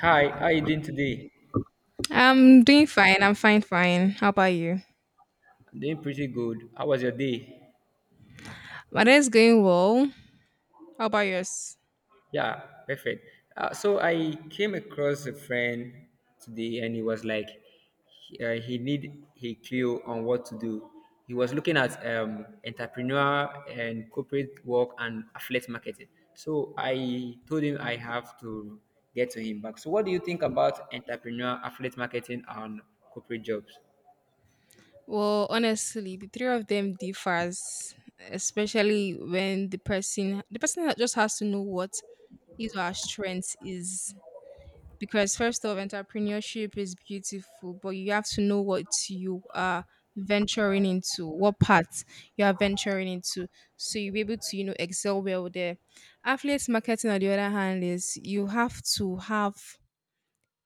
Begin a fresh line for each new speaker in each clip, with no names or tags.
Hi, how you doing today?
I'm doing fine. I'm fine. How about you?
I'm doing pretty good. How was your day?
My day is going well. How about yours?
Yeah, perfect. So I came across a friend today, and he was like, he need a clue on what to do. He was looking at entrepreneur and corporate work and affiliate marketing. So I told him I have to get to him back. So what do you think about entrepreneur, affiliate marketing, and corporate jobs?
Well, honestly, the three of them differs, especially when the person just has to know what his or her strength is. Because first of entrepreneurship is beautiful, but you have to know what you are venturing into, what path you are venturing into. So you'll be able to, you know, excel well there. Affiliate marketing on the other hand is you have to have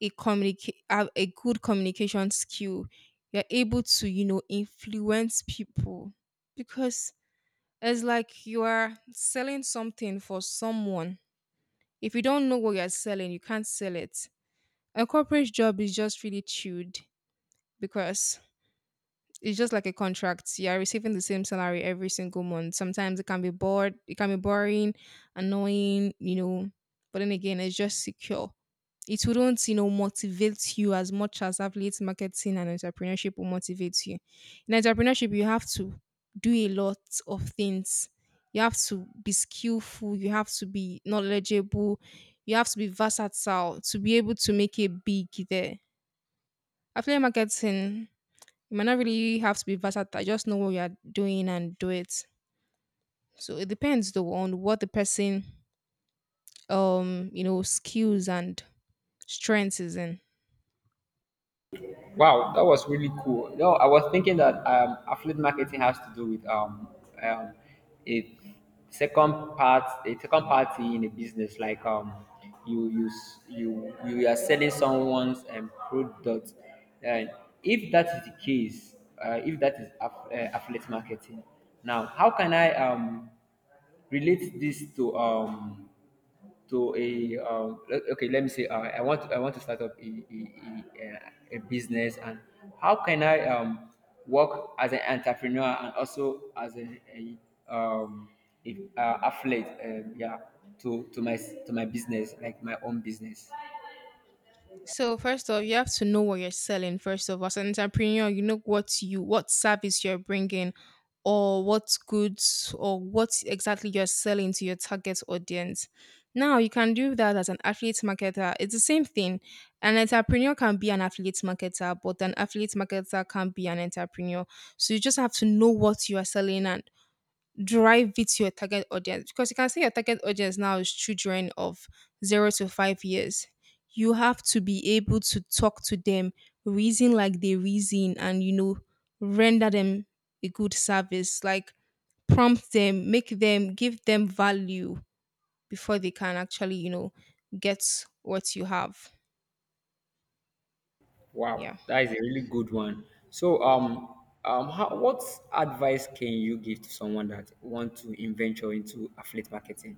a communicate have a good communication skill, you're able to, you know, influence people, because it's like you are selling something for someone. If you don't know what you're selling, you can't sell it. A corporate job is just really chewed, because it's just like a contract. You are receiving the same salary every single month. Sometimes it can be boring, annoying, you know. But then again, it's just secure. It wouldn't, you know, motivate you as much as affiliate marketing and entrepreneurship will motivate you. In entrepreneurship, you have to do a lot of things. You have to be skillful. You have to be knowledgeable. You have to be versatile to be able to make it big there. Affiliate marketing, you might not really have to be versatile. Just know what you are doing and do it. So it depends though on what the person, you know, skills and strengths is in.
Wow, that was really cool. No, I was thinking that affiliate marketing has to do with um, a second part, a second party in a business. Like you you s- you are selling someone's product, and if that is the case, if that is affiliate marketing. Now, how can I relate this to um? To a okay, let me say I want to start up a business, and how can I work as an entrepreneur and also as um a affiliate yeah, to my business, like my own business.
So first off, you have to know what you're selling. First of all, as an entrepreneur, you know what service you're bringing, or what goods or what exactly you're selling to your target audience. Now you can do that as an affiliate marketer. It's the same thing. An entrepreneur can be an affiliate marketer, but an affiliate marketer can be an entrepreneur. So you just have to know what you are selling and drive it to your target audience, because you can say your target audience now is children of 0 to 5 years. You have to be able to talk to them, reason like they reason, and, you know, render them a good service, like prompt them, make them, give them value before they can actually, you know, get what you have.
Wow,
Yeah.
that is a really good one. So how, what advice can you give to someone that want to venture into affiliate marketing?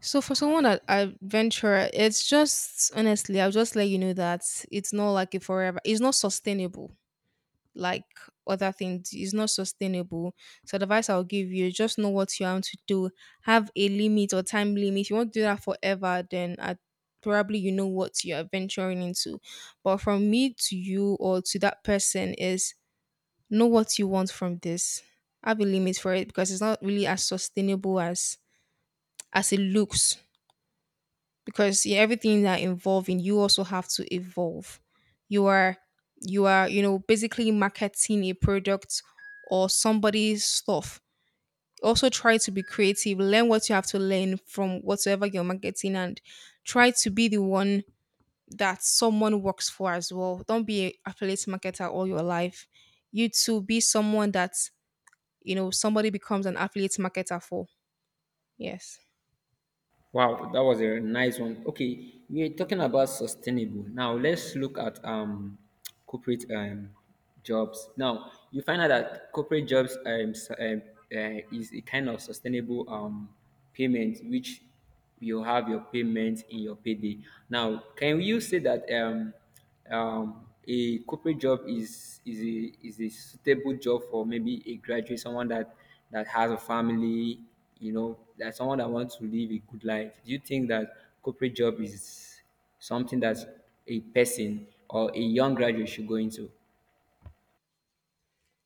So for someone that I venture, it's just, honestly, I'll just let you know that it's not like a forever. It's not sustainable. Like other things is not sustainable. So the advice I'll give you is just know what you want to do. Have a limit or time limit. If you want to do that forever, then I probably you know what you're venturing into. But from me to you or to that person is know what you want from this. Have a limit for it because it's not really as sustainable as it looks, because yeah, everything that involving you also have to evolve. You are, you are, you know, basically marketing a product or somebody's stuff. Also try to be creative, learn what you have to learn from whatsoever you're marketing, and try to be the one that someone works for as well. Don't be a affiliate marketer all your life. You to be someone that, you know, somebody becomes an affiliate marketer for. Yes.
Wow, that was a nice one. Okay, we're talking about sustainable. Now let's look at corporate jobs. Now you find out that corporate jobs is a kind of sustainable payment, which you have your payment in your payday. Now, can you say that a corporate job is a suitable job for maybe a graduate, someone that has a family, you know, that someone that wants to live a good life. Do you think that corporate job is something that a person or a young graduate should go into?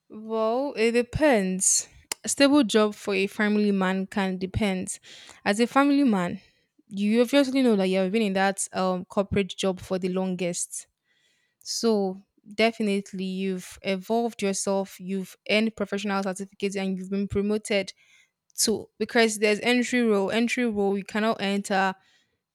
Well, it depends. A stable job for a family man can depend. As a family man, you obviously know that you have been in that corporate job for the longest. So definitely you've evolved yourself, you've earned professional certificates, and you've been promoted to because there's entry role. Entry role you cannot enter,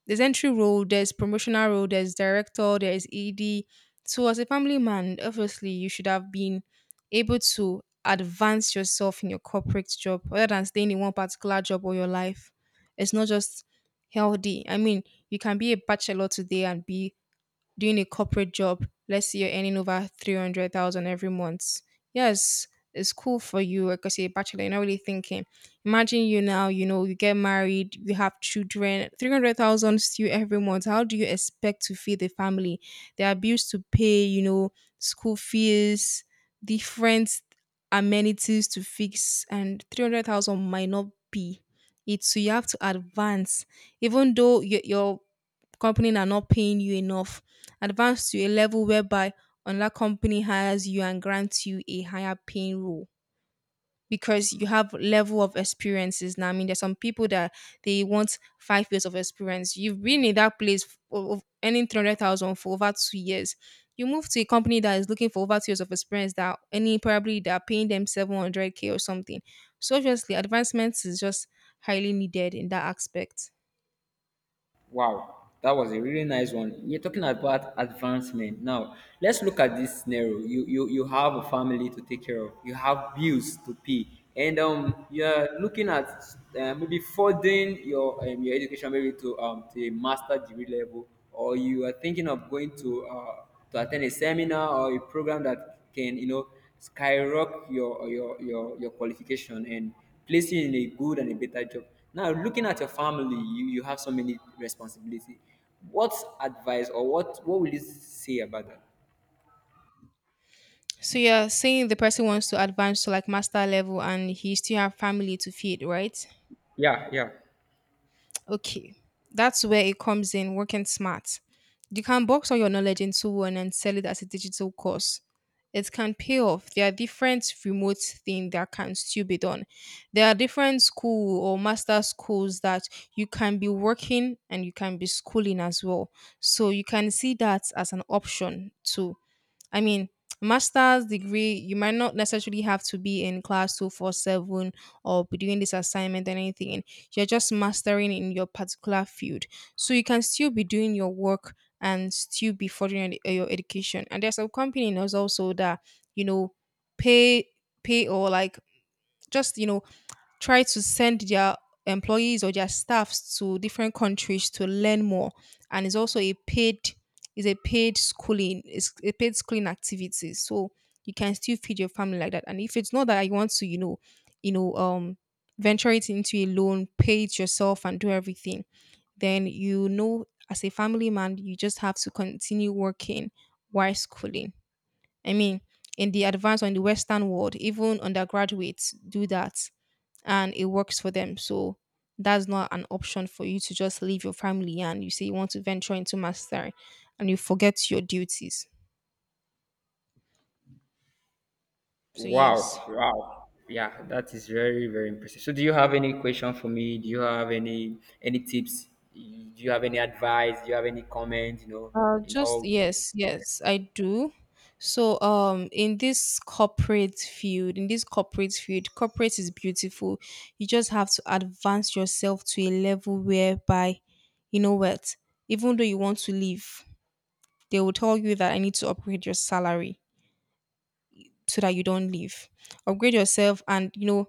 there's entry role, there's promotional role, there's director, there's ED. So as a family man, obviously you should have been able to advance yourself in your corporate job rather than staying in one particular job all your life. It's not just healthy. I mean, you can be a bachelor today and be doing a corporate job, let's say you're earning over 300,000 every month. Yes, it's cool for you because you're a bachelor, you're not really thinking. Imagine you now, you know, you get married, you have children, 300,000 still every month. How do you expect to feed the family? There are bills to pay, you know, school fees, different amenities to fix, and 300,000 might not be it. So you have to advance even though your companies are not paying you enough. Advance to a level whereby another company hires you and grants you a higher paying role because you have level of experiences now. I mean, there's some people that they want 5 years of experience. You've been in that place of earning 300,000 for over 2 years. You move to a company that is looking for over 2 years of experience that any probably they're paying them 700K or something. So obviously advancements is just highly needed in that aspect.
Wow, that was a really nice one. You're talking about advancement. Now, let's look at this scenario. You have a family to take care of. You have bills to pay, and you're looking at maybe furthering your education, maybe to a master degree level, or you are thinking of going to attend a seminar or a program that can, you know, skyrocket your qualification and place you in a good and a better job. Now, looking at your family, you have so many responsibility. What advice or what will you say about that?
So you're saying the person wants to advance to like master level and he still have family to feed, right?
Yeah, yeah.
Okay. That's where it comes in, working smart. You can box all your knowledge into one and sell it as a digital course. It can pay off. There are different remote things that can still be done. There are different school or master schools that you can be working and you can be schooling as well. So you can see that as an option too. I mean, master's degree, you might not necessarily have to be in class 24/7 or be doing this assignment and anything. You're just mastering in your particular field. So you can still be doing your work and still be furthering your education. And there's a company that's also that, you know, pay, pay or like just, you know, try to send their employees or their staffs to different countries to learn more, and it's also a paid, is a paid schooling it's a paid schooling activity. So you can still feed your family like that. And if it's not that you want to, you know, you know, venture it into a loan, pay it yourself and do everything, then, you know, as a family man you just have to continue working while schooling. I mean, in the advanced or in the western world, even undergraduates do that, and it works for them. So that's not an option for you to just leave your family and you say you want to venture into mastery and you forget your duties. So yes.
Wow, wow. Yeah, that is very, very impressive. So, do you have any question for me? Do you have any tips? Do you have any advice? Do you have any comment? You know, in
Just
all.
yes, yes, I do. So in this corporate field, corporate is beautiful. You just have to advance yourself to a level whereby you know what, even though you want to leave, they will tell you that I need to upgrade your salary so that you don't leave. Upgrade yourself, and, you know,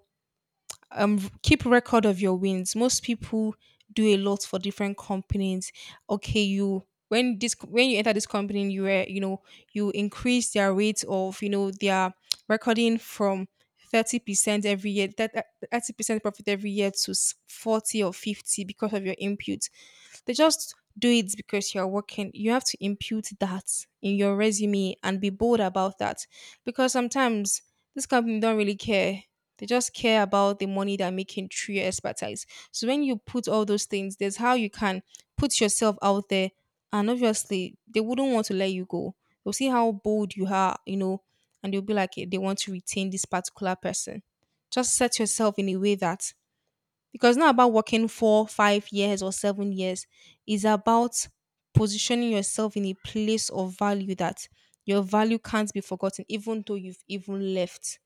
keep record of your wins. Most people do a lot for different companies. Okay, you when this when you enter this company, you were, you know, you increase their rate of, you know, their recording from 30% every year, that 30% profit every year to 40 or 50 because of your input. They just do it because you're working. You have to impute that in your resume and be bold about that, because sometimes this company don't really care. They just care about the money they're making through your expertise. So when you put all those things, there's how you can put yourself out there. And obviously, they wouldn't want to let you go. They'll see how bold you are, you know, and they'll be like, "Eh, they want to retain this particular person." Just set yourself in a way that, because it's not about working four, 5 years or 7 years. It's about positioning yourself in a place of value that your value can't be forgotten, even though you've even left.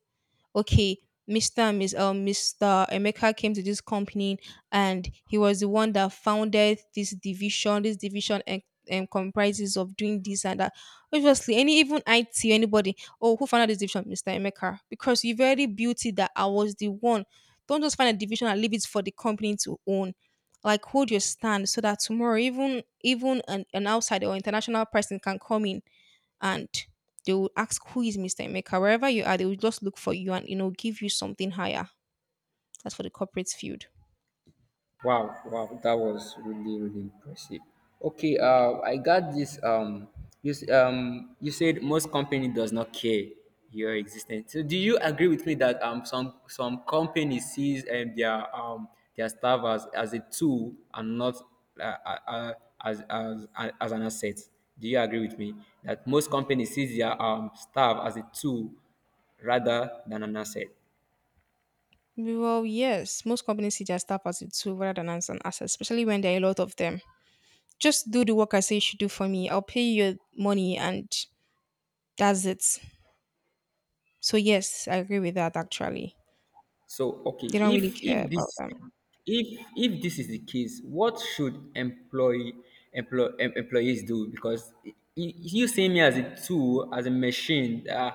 Okay, Mr. and Miss Mr. Emeka came to this company and he was the one that founded this division. This division comprises of doing this and that. Obviously, any even IT, anybody, oh, who founded this division? Mr. Emeka. Because you've already built it that I was the one. Don't just find a division and leave it for the company to own. Like hold your stand so that tomorrow even an outsider or international person can come in and they will ask who is Mr. Emeka. Wherever you are, they will just look for you and, you know, give you something higher. That's for the corporate field.
Wow, wow, that was really, really impressive. Okay, I got this. You you said most company does not care your existence. So, do you agree with me that some company sees and their staff as a tool and not uh, uh, uh, as, as an asset? Do you agree with me that most companies sees their staff as a tool rather than an asset?
Well, yes, most companies see their staff as a tool rather than as an asset, especially when there are a lot of them. Just do the work I say you should do for me. I'll pay you your money, and that's it. So yes, I agree with that. Actually,
So, okay,
they don't really care about them.
if if this is the case, what should employees do? Because you see me as a tool, as a machine.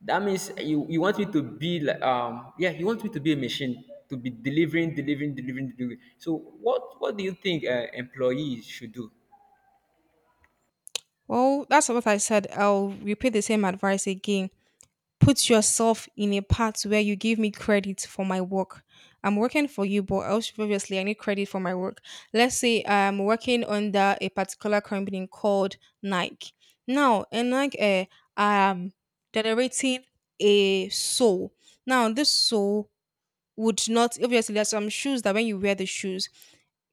That means you want me to be like yeah, you want me to be a machine to be delivering, delivering, delivering, delivering. So, what do you think employees should do?
Well, that's what I said. I'll repeat the same advice again. Put yourself in a part where you give me credit for my work. I'm working for you, but also obviously I need credit for my work. Let's say I'm working under a particular company called Nike. Now, in Nike, I'm generating a soul. Now, this soul would not, obviously there's some shoes that when you wear the shoes,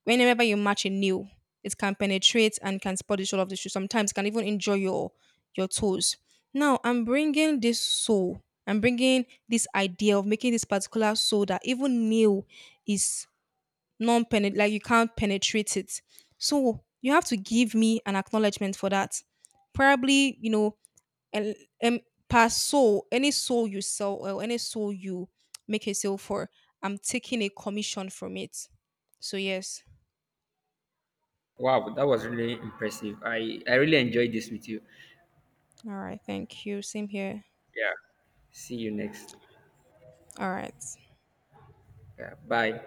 whenever you match a nail it can penetrate and can spoil the sole of the shoe. Sometimes it can even injure your toes. Now I'm bringing this sole, I'm bringing this idea of making this particular sole that even nail is non penet, like you can't penetrate it. So you have to give me an acknowledgement for that, probably, you know, and and per soul, any soul you sell or any soul you make a sale for, I'm taking a commission from it. So yes.
Wow, that was really impressive. I really enjoyed this with you.
All right. Thank you. Same here.
Yeah. See you next.
All right.
Yeah, bye.